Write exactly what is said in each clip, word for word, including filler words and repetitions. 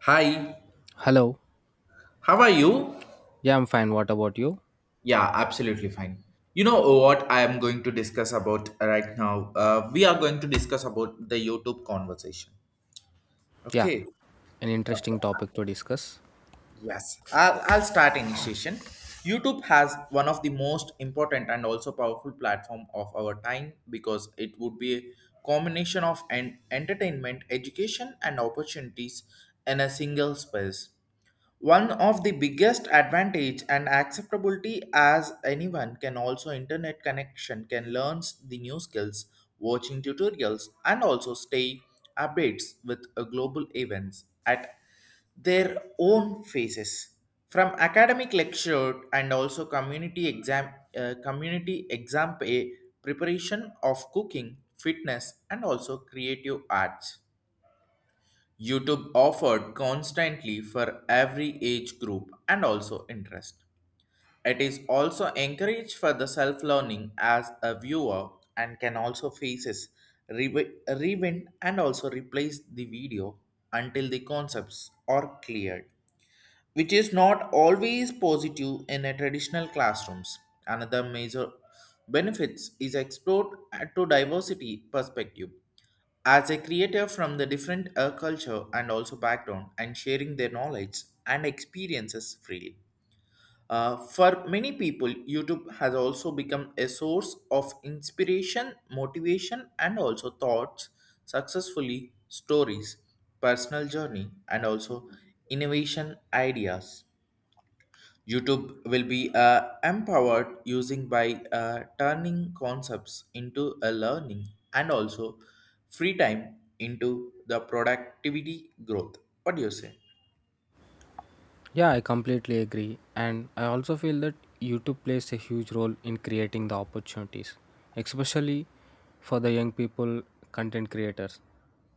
Hi, Hello. how are you? Yeah, I'm fine. What about you? Yeah, absolutely fine. You know what I am going to discuss about right now? Uh, we are going to discuss about the YouTube conversation. Yeah, Okay. an interesting Okay. topic to discuss. Yes, I'll, I'll start initiation. YouTube has one of the most important and also powerful platform of our time, because it would be a combination of an entertainment, education, and opportunities in a single space. One of the biggest advantage and acceptability as anyone can also internet connection can learn the new skills, watching tutorials and also stay updates with uh, global events at their own faces. From academic lecture and also community exam uh, community exam pay, preparation of cooking, fitness and also creative arts, YouTube offered constantly for every age group and also interest. It is also encouraged for the self-learning, as a viewer and can also faces rewi- rewind and also replace the video until the concepts are cleared, which is not always positive in a traditional classrooms. Another major benefits is explored at to diversity perspective as a creator from the different uh, culture and also background and sharing their knowledge and experiences freely. Uh, for many people, YouTube has also become a source of inspiration, motivation, and also thoughts, successfully stories, personal journey, and also innovation ideas. YouTube will be uh, empowered using by uh, turning concepts into a learning and also free time into the productivity growth. What do you say? Yeah, I completely agree. And I also feel that YouTube plays a huge role in creating the opportunities, especially for the young people content creators.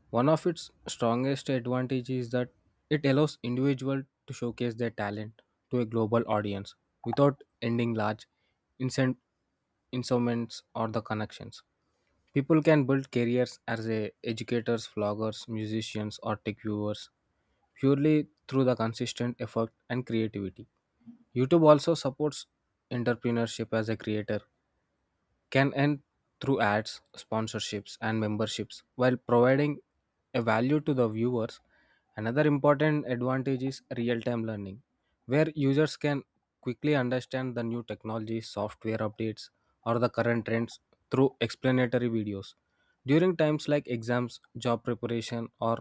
One of its strongest advantages is that it allows individuals to showcase their talent to a global audience without ending large incent- instruments or the connections. People can build careers as a educators, vloggers, musicians, or tech viewers purely through the consistent effort and creativity. YouTube also supports entrepreneurship as a creator can end through ads, sponsorships, and memberships while providing a value to the viewers. Another important advantage is real time learning, where users can quickly understand the new technologies, software updates, or the current trends through explanatory videos. During times like exams, job preparation, or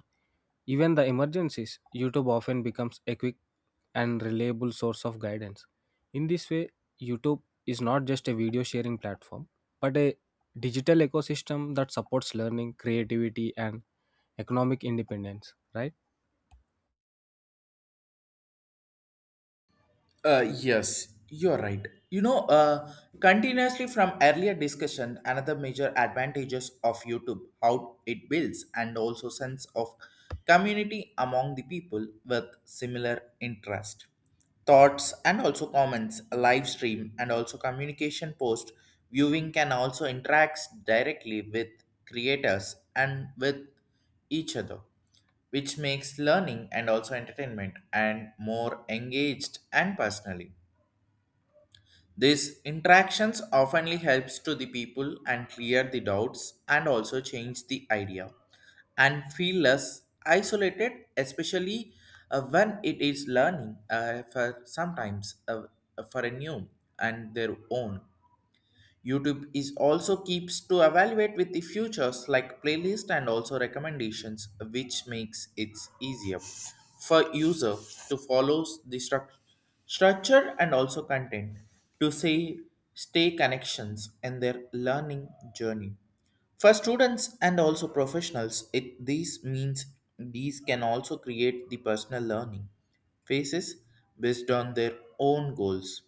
even the emergencies, YouTube often becomes a quick and reliable source of guidance. In this way, YouTube is not just a video sharing platform, but a digital ecosystem that supports learning, creativity, and economic independence, right? Uh, yes, you're right. You know, uh, Continuously from earlier discussion, another major advantages of YouTube, how it builds and also sense of community among the people with similar interest, thoughts and also comments, live stream and also communication post. Viewing can also interact directly with creators and with each other, which makes learning and also entertainment and more engaged and personally. These interactions oftenly helps to the people and clear the doubts and also change the idea and feel less isolated, especially uh, when it is learning uh, for sometimes, uh, for a new and their own. YouTube is also keeps to evaluate with the features like playlist and also recommendations, which makes it easier for user to follow the struc- structure and also content to say stay connections in their learning journey. For students and also professionals, it these means these can also create the personal learning phases based on their own goals.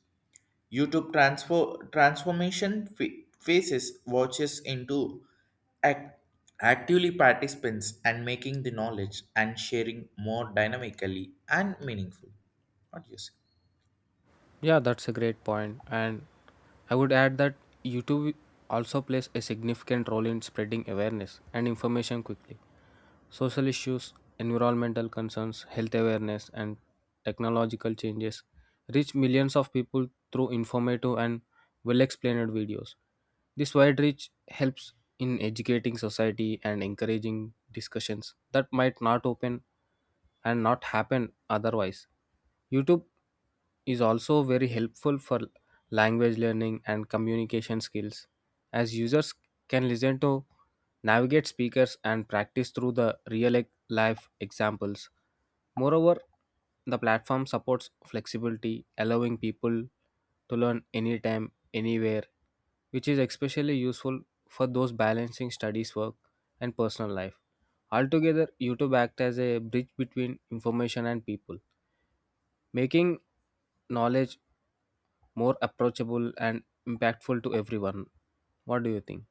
YouTube transfer transformation fa- faces watches into ac- actively participants and making the knowledge and sharing more dynamically and meaningful. What do you say? Yeah, that's a great point. And I would add that YouTube also plays a significant role in spreading awareness and information quickly. Social issues, environmental concerns, health awareness, and technological changes reach millions of people through informative and well explained videos. This wide reach helps in educating society and encouraging discussions that might not open and not happen otherwise. YouTube is also very helpful for language learning and communication skills as users can listen to navigate speakers and practice through the real e- life examples. Moreover, the platform supports flexibility, allowing people to learn anytime, anywhere, which is especially useful for those balancing studies, work, and personal life. Altogether, YouTube acts as a bridge between information and people, making knowledge more approachable and impactful to everyone. What do you think?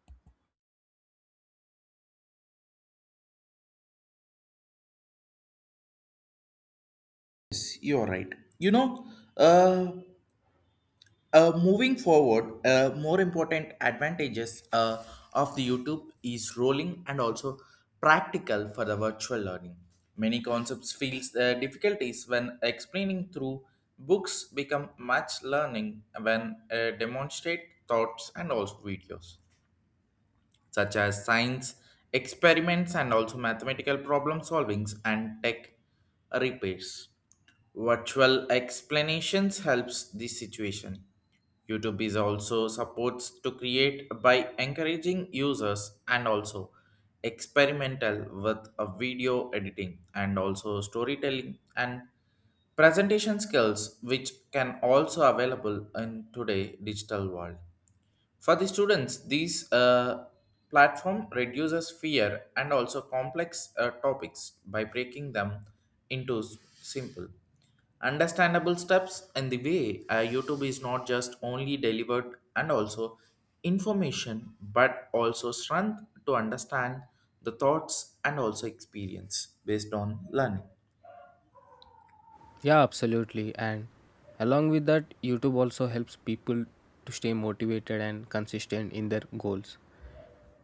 You're right. You know, uh, Uh, moving forward, uh, more important advantages uh, of the YouTube is rolling and also practical for the virtual learning. Many concepts feels uh, difficulties when explaining through books become much learning when uh, demonstrate thoughts and also videos such as science experiments and also mathematical problem solvings and tech repairs. Virtual explanations helps this situation. YouTube is also supports to create by encouraging users and also experimental with a video editing and also storytelling and presentation skills, which can also available in today digital world. For the students, these uh, platform reduces fear and also complex uh, topics by breaking them into s- simple, understandable steps. And the way uh, YouTube is not just only delivered and also information, but also strength to understand the thoughts and also experience based on learning. Yeah, absolutely. And along with that, YouTube also helps people to stay motivated and consistent in their goals.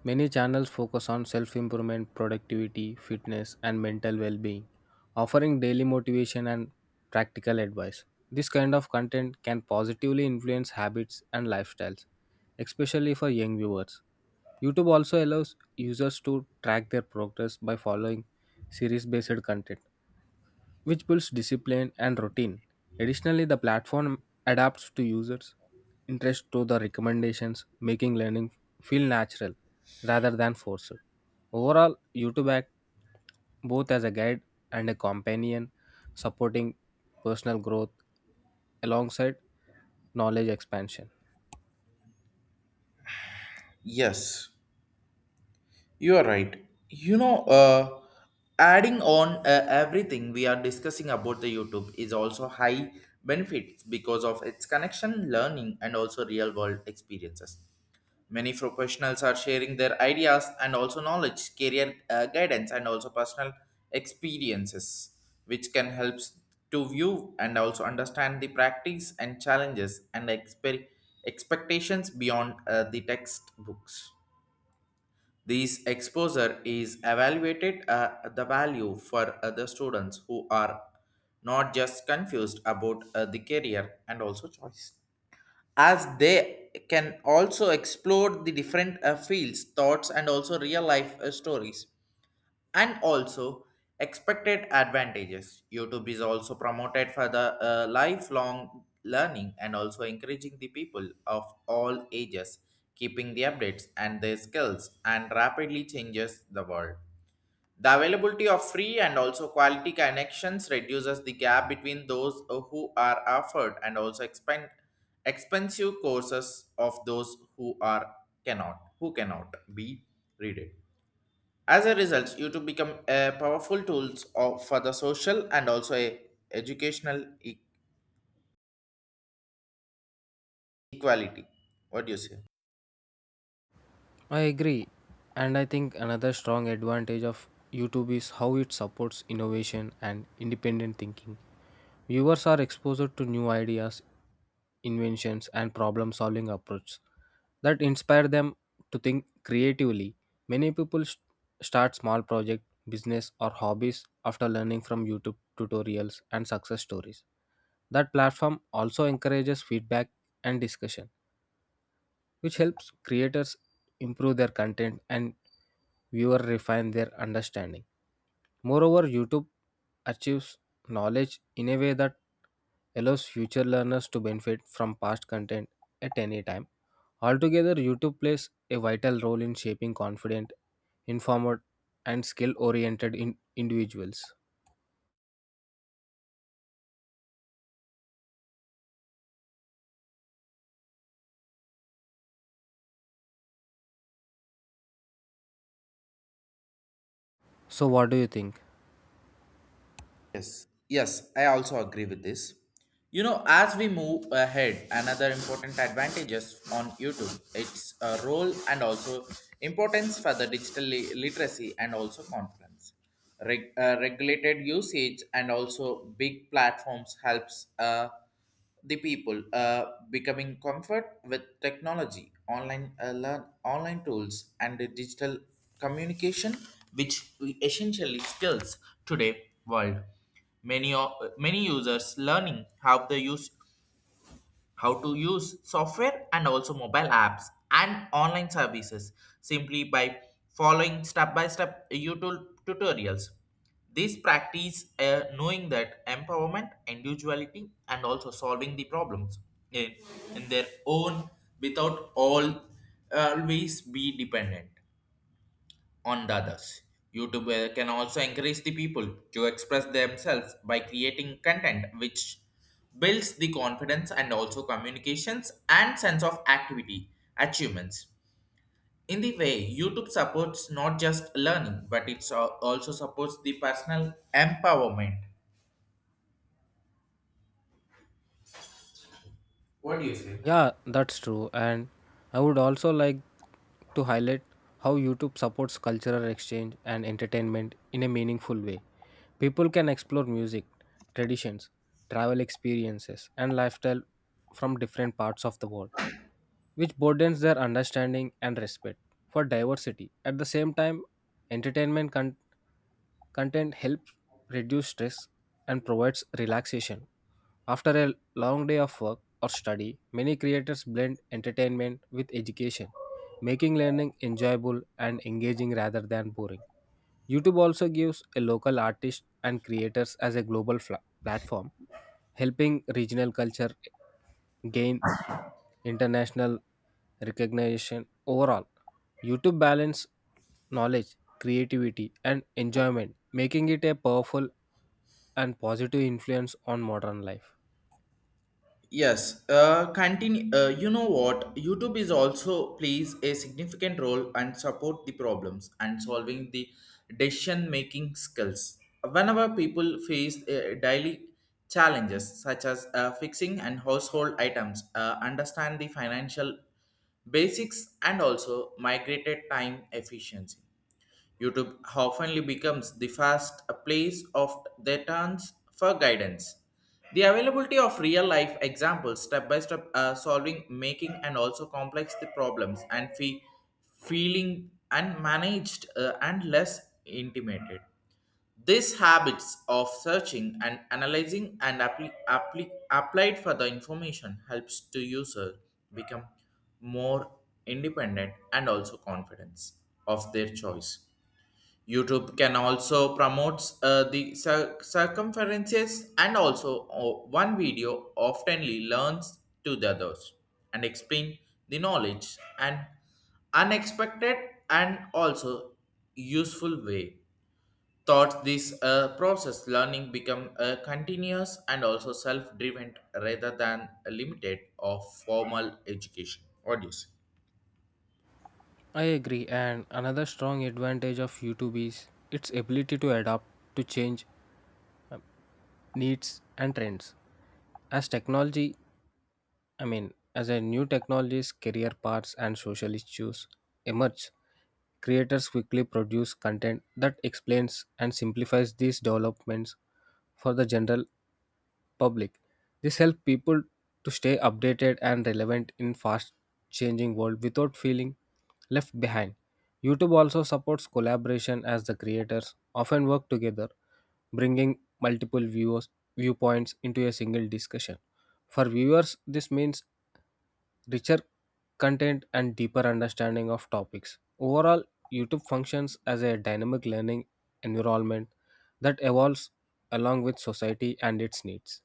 Many channels focus on self improvement, productivity, fitness, and mental well being, offering daily motivation and practical advice. This kind of content can positively influence habits and lifestyles, especially for young viewers. YouTube also allows users to track their progress by following series based content, which builds discipline and routine. Additionally, the platform adapts to users' interest to the recommendations, making learning feel natural rather than forced. Overall, YouTube acts both as a guide and a companion, supporting personal growth alongside knowledge expansion. Yes. You are right. You know, uh, Adding on uh, everything we are discussing about, the YouTube is also high benefits because of its connection, learning, and also real world experiences. Many professionals are sharing their ideas and also knowledge, career uh, guidance, and also personal experiences, which can help to view and also understand the practice and challenges and exper- expectations beyond uh, the textbooks. This exposure is evaluated at the value for other students who are not just confused about uh, the career and also choice, as they can also explore the different uh, fields, thoughts, and also real life uh, stories and also expected advantages. YouTube is also promoted for the uh, lifelong learning and also encouraging the people of all ages, keeping the updates and their skills and rapidly changes the world. The availability of free and also quality connections reduces the gap between those who are offered and also expand expensive courses of those who are cannot who cannot be read it. As a result, YouTube become a powerful tools of, for the social and also a educational e- equality. What do you say? I agree. And I think another strong advantage of YouTube is how it supports innovation and independent thinking. Viewers are exposed to new ideas, inventions, and problem solving approaches that inspire them to think creatively. Many people st- start small projects, business, or hobbies after learning from YouTube tutorials and success stories. That platform also encourages feedback and discussion which helps creators improve their content and viewer refine their understanding. Moreover, YouTube achieves knowledge in a way that allows future learners to benefit from past content at any time. Altogether, YouTube plays a vital role in shaping confident, informed, and skill oriented in individuals. So, what do you think? Yes, yes, I also agree with this. You know, as we move ahead, another important advantages on YouTube, its uh, role and also importance for the digital li- literacy and also confidence. Reg- uh, regulated usage and also big platforms helps. Uh, the people uh, becoming comfort with technology, online uh, learn online tools, and the digital communication, which we essentially skills today world. Many of Many users learning how to use how to use software and also mobile apps and online services simply by following step by step YouTube tutorials. This practice uh, knowing that empowerment, individuality, and also solving the problems in, in their own, without all always be dependent on the others. YouTube uh, can also encourage the people to express themselves by creating content, which builds the confidence and also communications and sense of activity achievements. In the way, YouTube supports not just learning, but it also supports the personal empowerment. What do you say? Yeah, that's true. And I would also like to highlight how YouTube supports cultural exchange and entertainment in a meaningful way. People can explore music, traditions, travel experiences, and lifestyle from different parts of the world, which broadens their understanding and respect for diversity. At the same time, entertainment con- Content helps reduce stress and provides relaxation. After a long day of work or study, many creators blend entertainment with education, making learning enjoyable and engaging rather than boring. YouTube also gives a local artist and creators as a global fla- platform, helping regional culture gain international recognition. Overall, YouTube balance knowledge, creativity and enjoyment, making it a powerful and positive influence on modern life. Yes, uh, continue. Uh, you know what? YouTube is also plays a significant role and support the problems and solving the decision making skills. Whenever people face uh, daily challenges such as uh, fixing and household items, uh, understand the financial basics and also migrated time efficiency, YouTube often becomes the first place of their turns for guidance. The availability of real life examples, step by step uh, solving, making, and also complex the problems and fe- feeling unmanaged uh, and less intimated. These habits of searching and analyzing and appli- appli- applied for the information helps to user become more independent and also confidence of their choice. YouTube can also promotes uh, the cir- circumferences and also uh, one video oftenly learns to the others and explain the knowledge and unexpected and also useful way. Thought this uh, process learning become uh, continuous and also self-driven rather than limited of formal education. What do you say? I agree, and another strong advantage of YouTube is its ability to adapt to change needs and trends. As technology I mean, as a new technologies, career paths, and social issues emerge, creators quickly produce content that explains and simplifies these developments for the general public. This helps people to stay updated and relevant in fast changing world without feeling left behind. YouTube also supports collaboration as the creators often work together, bringing multiple viewers viewpoints into a single discussion. For viewers, this means richer content, and deeper understanding of topics. Overall, YouTube functions as a dynamic learning environment that evolves along with society and its needs.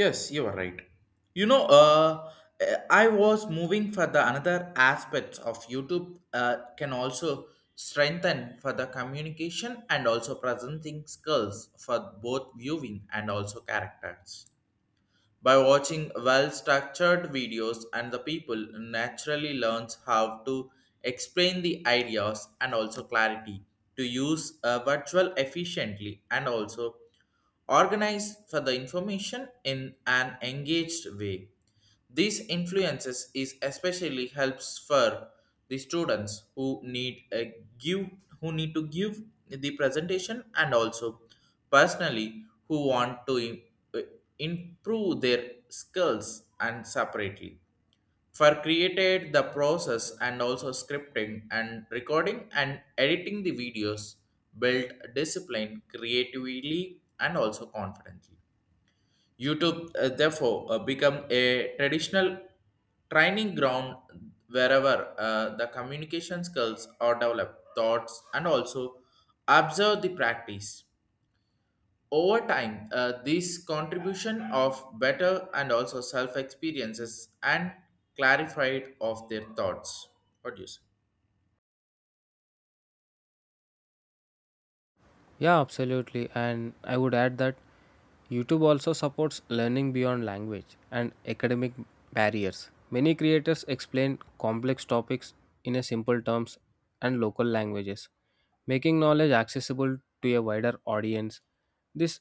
Yes, you are right. You know, uh, uh, I was moving for the another aspects of YouTube uh, can also strengthen for the communication and also presenting skills for both viewing and also characters. By watching well-structured videos and the people naturally learns how to explain the ideas and also clarity, to use a virtual efficiently and also organize for the information in an engaged way. These influences is especially helps for the students who need a give who need to give the presentation, and also personally who want to im- uh, improve their skills, and separately for created the process and also scripting and recording and editing the videos build discipline creatively and also confidently. YouTube, uh, therefore, uh, become a traditional training ground wherever uh, the communication skills are developed, thoughts, and also observe the practice. Over time, uh, this contribution of better and also self experiences and clarified of their thoughts. What do you say? Yeah, absolutely. And I would add that YouTube also supports learning beyond language and academic barriers. Many creators explain complex topics in a simple terms and local languages, making knowledge accessible to a wider audience. This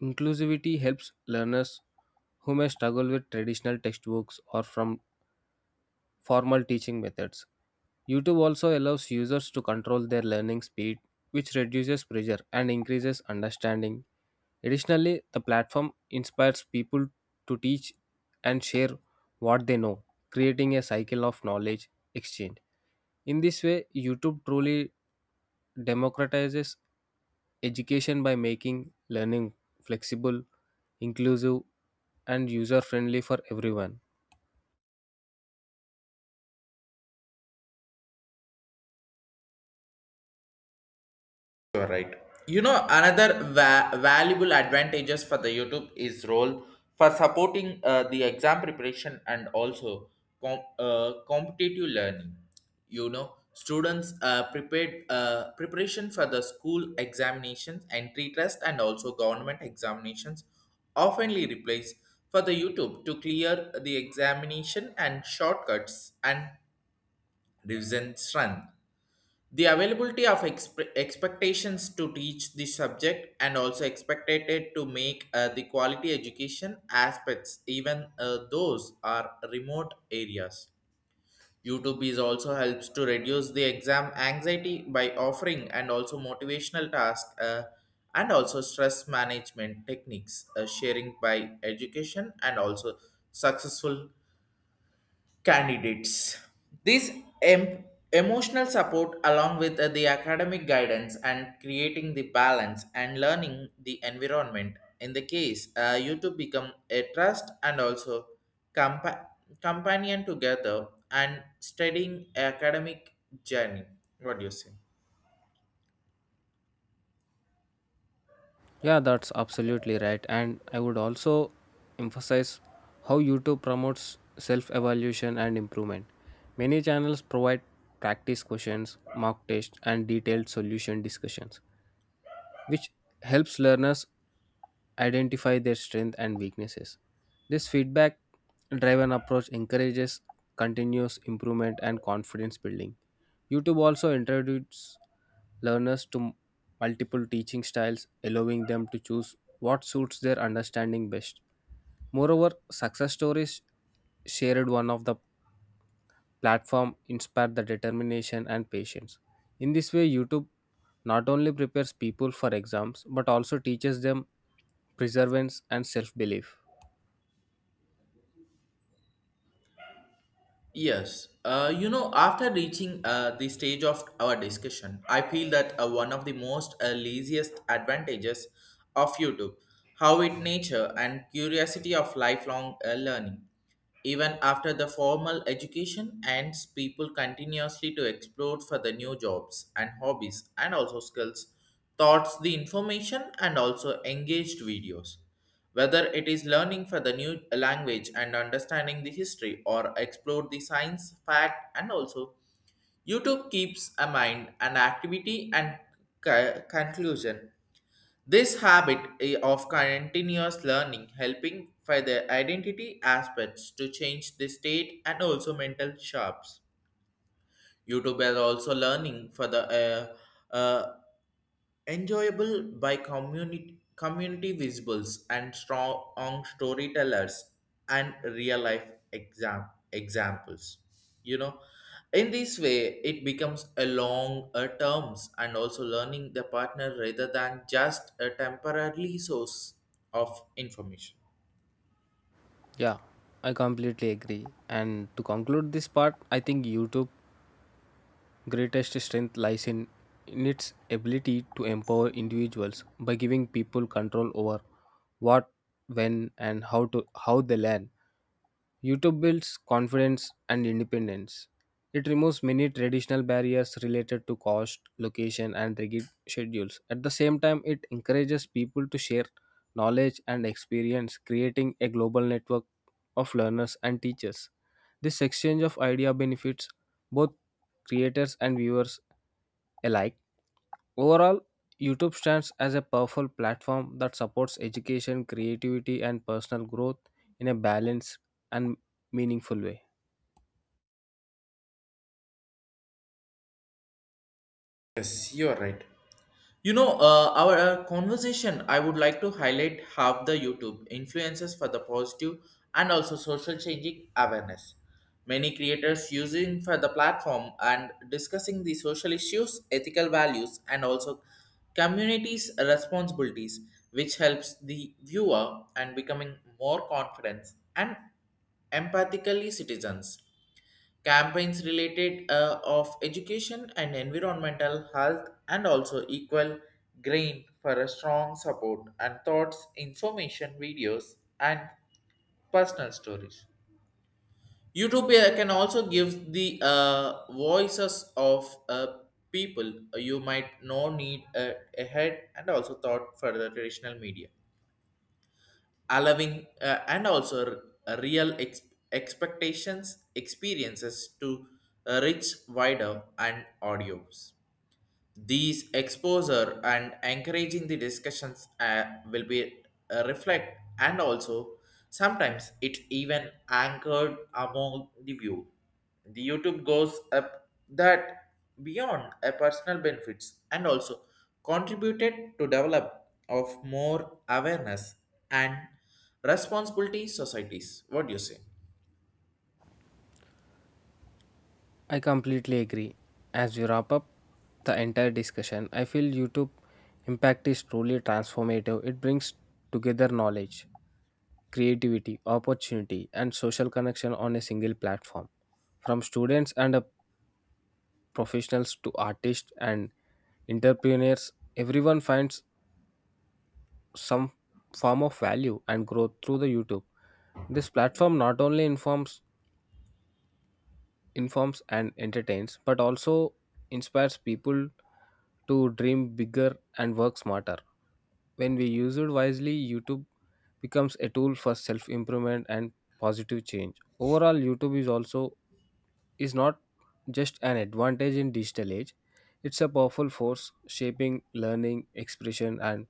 inclusivity helps learners who may struggle with traditional textbooks or from formal teaching methods. YouTube also allows users to control their learning speed, which reduces pressure and increases understanding. Additionally, the platform inspires people to teach and share what they know, creating a cycle of knowledge exchange. In this way, YouTube truly democratizes education by making learning flexible, inclusive, and user friendly for everyone. You're right. You know, another va- valuable advantages for the YouTube is role for supporting uh, the exam preparation and also com- uh, competitive learning. You know, students uh, prepared uh, preparation for the school examinations, entry test, and also government examinations oftenly replace for the YouTube to clear the examination and shortcuts and revision strength. The availability of exp- expectations to teach the subject and also expected to make uh, the quality education aspects, even uh, those are remote areas. YouTube is also helps to reduce the exam anxiety by offering and also motivational tasks uh, and also stress management techniques, uh, sharing by education and also successful candidates. This em- emotional support, along with uh, the academic guidance and creating the balance and learning the environment, in the case uh, you to become a trust and also compa- companion together and studying academic journey. What do you say? Yeah, that's absolutely right. And I would also emphasize how YouTube promotes self evaluation and improvement. Many channels provide practice questions, mock tests, and detailed solution discussions, which helps learners identify their strengths and weaknesses. This feedback driven approach encourages continuous improvement and confidence building. YouTube also introduces learners to multiple teaching styles, allowing them to choose what suits their understanding best. Moreover, success stories shared one of the platform inspire the determination and patience. In this way, YouTube not only prepares people for exams but also teaches them perseverance and self belief. Yes, uh, you know, after reaching uh, the stage of our discussion, I feel that uh, one of the most uh, laziest advantages of YouTube, how it nature and curiosity of lifelong uh, learning. Even after the formal education ends, people continuously to explore for the new jobs and hobbies and also skills, thoughts, the information and also engaged videos. Whether it is learning for the new language and understanding the history or explore the science fact and also YouTube keeps a mind an activity and co- conclusion. This habit eh, of continuous learning helping for the identity aspects to change the state and also mental sharps. YouTube is also learning for the uh, uh, enjoyable by community community visuals and strong storytellers and real life exam examples you know in this way it becomes a long uh, terms and also learning the partner rather than just a temporarily source of information. Yeah, I completely agree. And to conclude this part, I think YouTube greatest strength lies in in its ability to empower individuals by giving people control over what, when and how to how they learn. YouTube builds confidence and independence. It removes many traditional barriers related to cost, location, and rigid schedules. At the same time, it encourages people to share knowledge and experience, creating a global network of learners and teachers. This exchange of idea benefits both creators and viewers alike. Overall, YouTube stands as a powerful platform that supports education, creativity, and personal growth in a balanced and meaningful way. Yes, you're right. You know, uh, our uh, conversation, I would like to highlight how the YouTube influences for the positive and also social changing awareness. Many creators using for the platform and discussing the social issues, ethical values, and also communities' responsibilities, which helps the viewer and becoming more confident and empathically citizens campaigns related uh, of education and environmental health and also equal grain for a strong support and thoughts information videos and personal stories. YouTube uh, can also give the uh, voices of uh, people you might know need uh, ahead and also thought for the traditional media allowing uh, and also r- uh, real ex- expectations experiences to uh, reach wider and audios. These exposure and encouraging the discussions uh, will be uh, reflect and also sometimes it even anchored among the view. The YouTube goes up that beyond a personal benefits and also contributed to develop of more awareness and responsibility societies. What do you say? I completely agree. As we wrap up the entire discussion, I feel YouTube impact is truly transformative. It brings together knowledge, creativity, opportunity, and social connection on a single platform. From students and uh, professionals to artists and entrepreneurs, everyone finds some form of value and growth through the YouTube. This platform not only informs informs and entertains but also inspires people to dream bigger and work smarter. When we use it wisely, YouTube becomes a tool for self-improvement and positive change. Overall, YouTube is also is not just an advantage in digital age. It's a powerful force shaping learning, expression and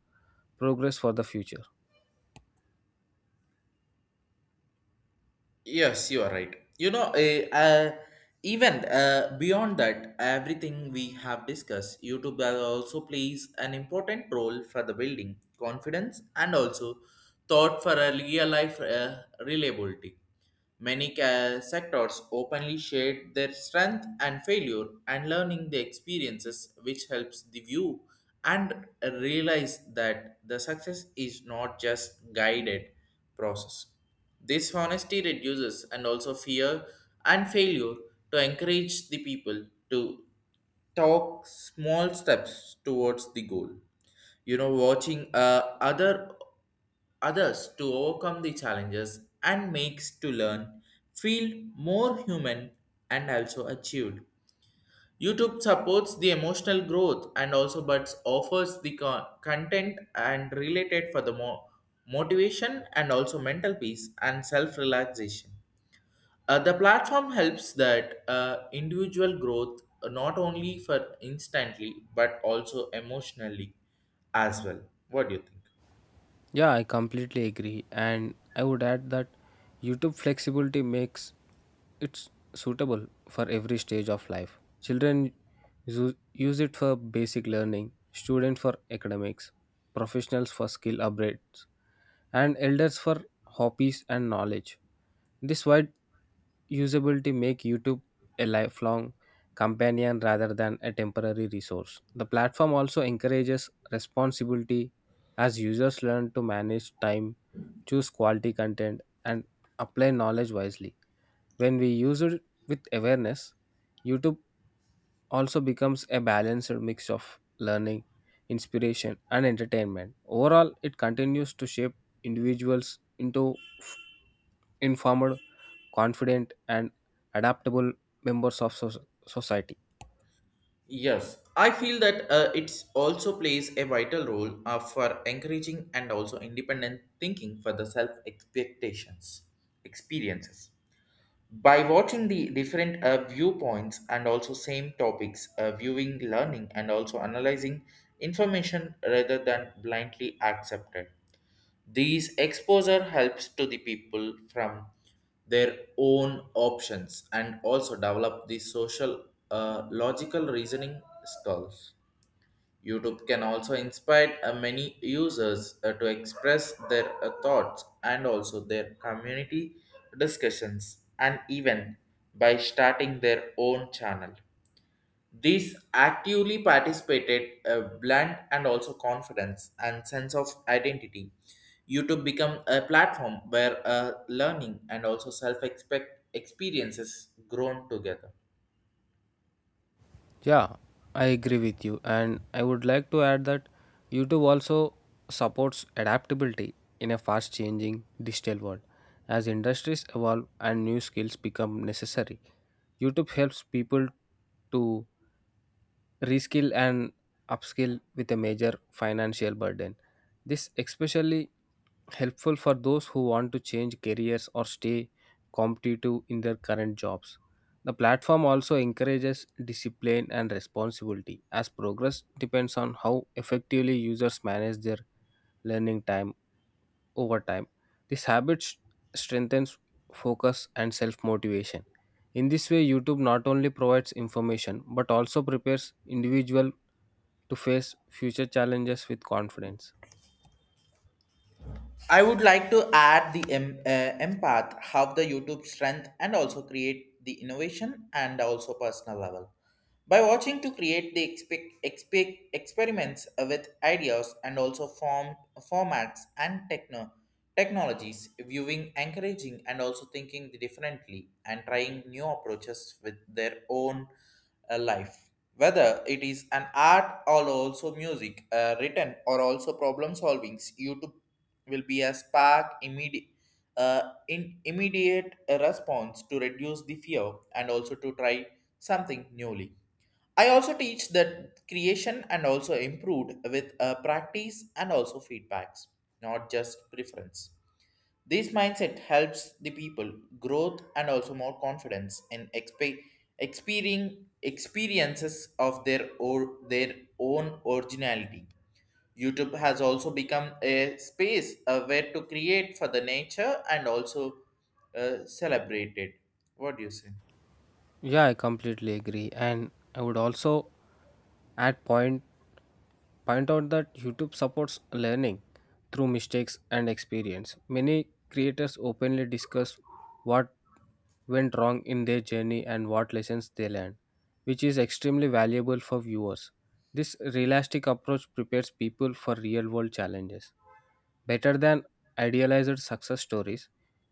progress for the future. Yes, you are right. You know, eh, uh, even uh, beyond that, everything we have discussed, YouTube also plays an important role for the building confidence and also thought for a real life uh, reliability. Many ca- sectors openly shared their strength and failure and learning the experiences, which helps the view and realize that the success is not just guided process. This honesty reduces and also fear and failure to encourage the people to talk small steps towards the goal. You know, watching uh, other others to overcome the challenges and makes to learn feel more human and also achieved. YouTube supports the emotional growth and also but offers the con- content and related for the mo- motivation and also mental peace and self relaxation. Uh, the platform helps that uh, individual growth uh, not only for instantly but also emotionally as well. What do you think? Yeah, I completely agree. And I would add that YouTube flexibility makes it suitable for every stage of life. Children usu- use it for basic learning, students for academics, professionals for skill upgrades, and elders for hobbies and knowledge. This wide usability make YouTube a lifelong companion rather than a temporary resource. The platform also encourages responsibility as users learn to manage time, choose quality content and apply knowledge wisely. When we use it with awareness, YouTube also becomes a balanced mix of learning, inspiration and entertainment. Overall, it continues to shape individuals into informed, confident and adaptable members of soc- society. Yes, I feel that uh, it also plays a vital role uh, for encouraging and also independent thinking for the self expectations experiences. By watching the different uh, viewpoints and also same topics, uh, viewing, learning, and also analyzing information rather than blindly accepted. These exposure helps to the people from their own options and also develop the social uh, logical reasoning skills. YouTube can also inspire uh, many users uh, to express their uh, thoughts and also their community discussions and even by starting their own channel. These actively participated uh, blend and also confidence and sense of identity. YouTube become a platform where uh, learning and also self expect experiences grown together. Yeah, I agree with you, and I would like to add that YouTube also supports adaptability in a fast changing digital world. As industries evolve and new skills become necessary, YouTube helps people to reskill and upskill with a major financial burden. This especially helpful for those who want to change careers or stay competitive in their current jobs. The platform also encourages discipline and responsibility, as progress depends on how effectively users manage their learning time over time. This habit s- strengthens focus and self motivation. In this way, YouTube not only provides information but also prepares individuals to face future challenges with confidence. I would like to add the em- uh, empath, have the YouTube strength, and also create the innovation and also personal level. By watching to create the expe- expe- experiments with ideas and also form formats and techno technologies, viewing, encouraging, and also thinking differently and trying new approaches with their own uh, life. Whether it is an art or also music, uh, written or also problem solvings, YouTube will be a spark immediate uh, in immediate response to reduce the fear and also to try something newly. I also teach that creation and also improved with uh, practice and also feedbacks, not just preference. This mindset helps the people growth and also more confidence in exp- experiencing experiences of their or their own originality. YouTube has also become a space uh, where to create for the nature and also uh, celebrate it. What do you say? Yeah, I completely agree. And I would also add point point out that YouTube supports learning through mistakes and experience. Many creators openly discuss what went wrong in their journey and what lessons they learned, which is extremely valuable for viewers. This realistic approach prepares people for real world challenges. Better than idealized success stories,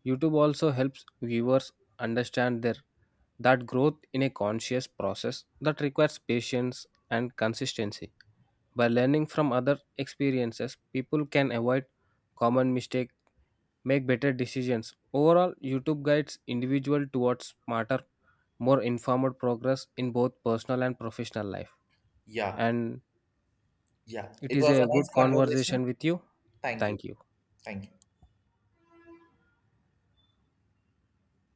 YouTube also helps viewers understand their that growth in a conscious process that requires patience and consistency. By learning from other experiences, people can avoid common mistakes, make better decisions. Overall, YouTube guides individual towards smarter, more informed progress in both personal and professional life. Yeah, And yeah. it It is was a a nice good conversation. conversation with you. Thank you. Thank you. Thank you.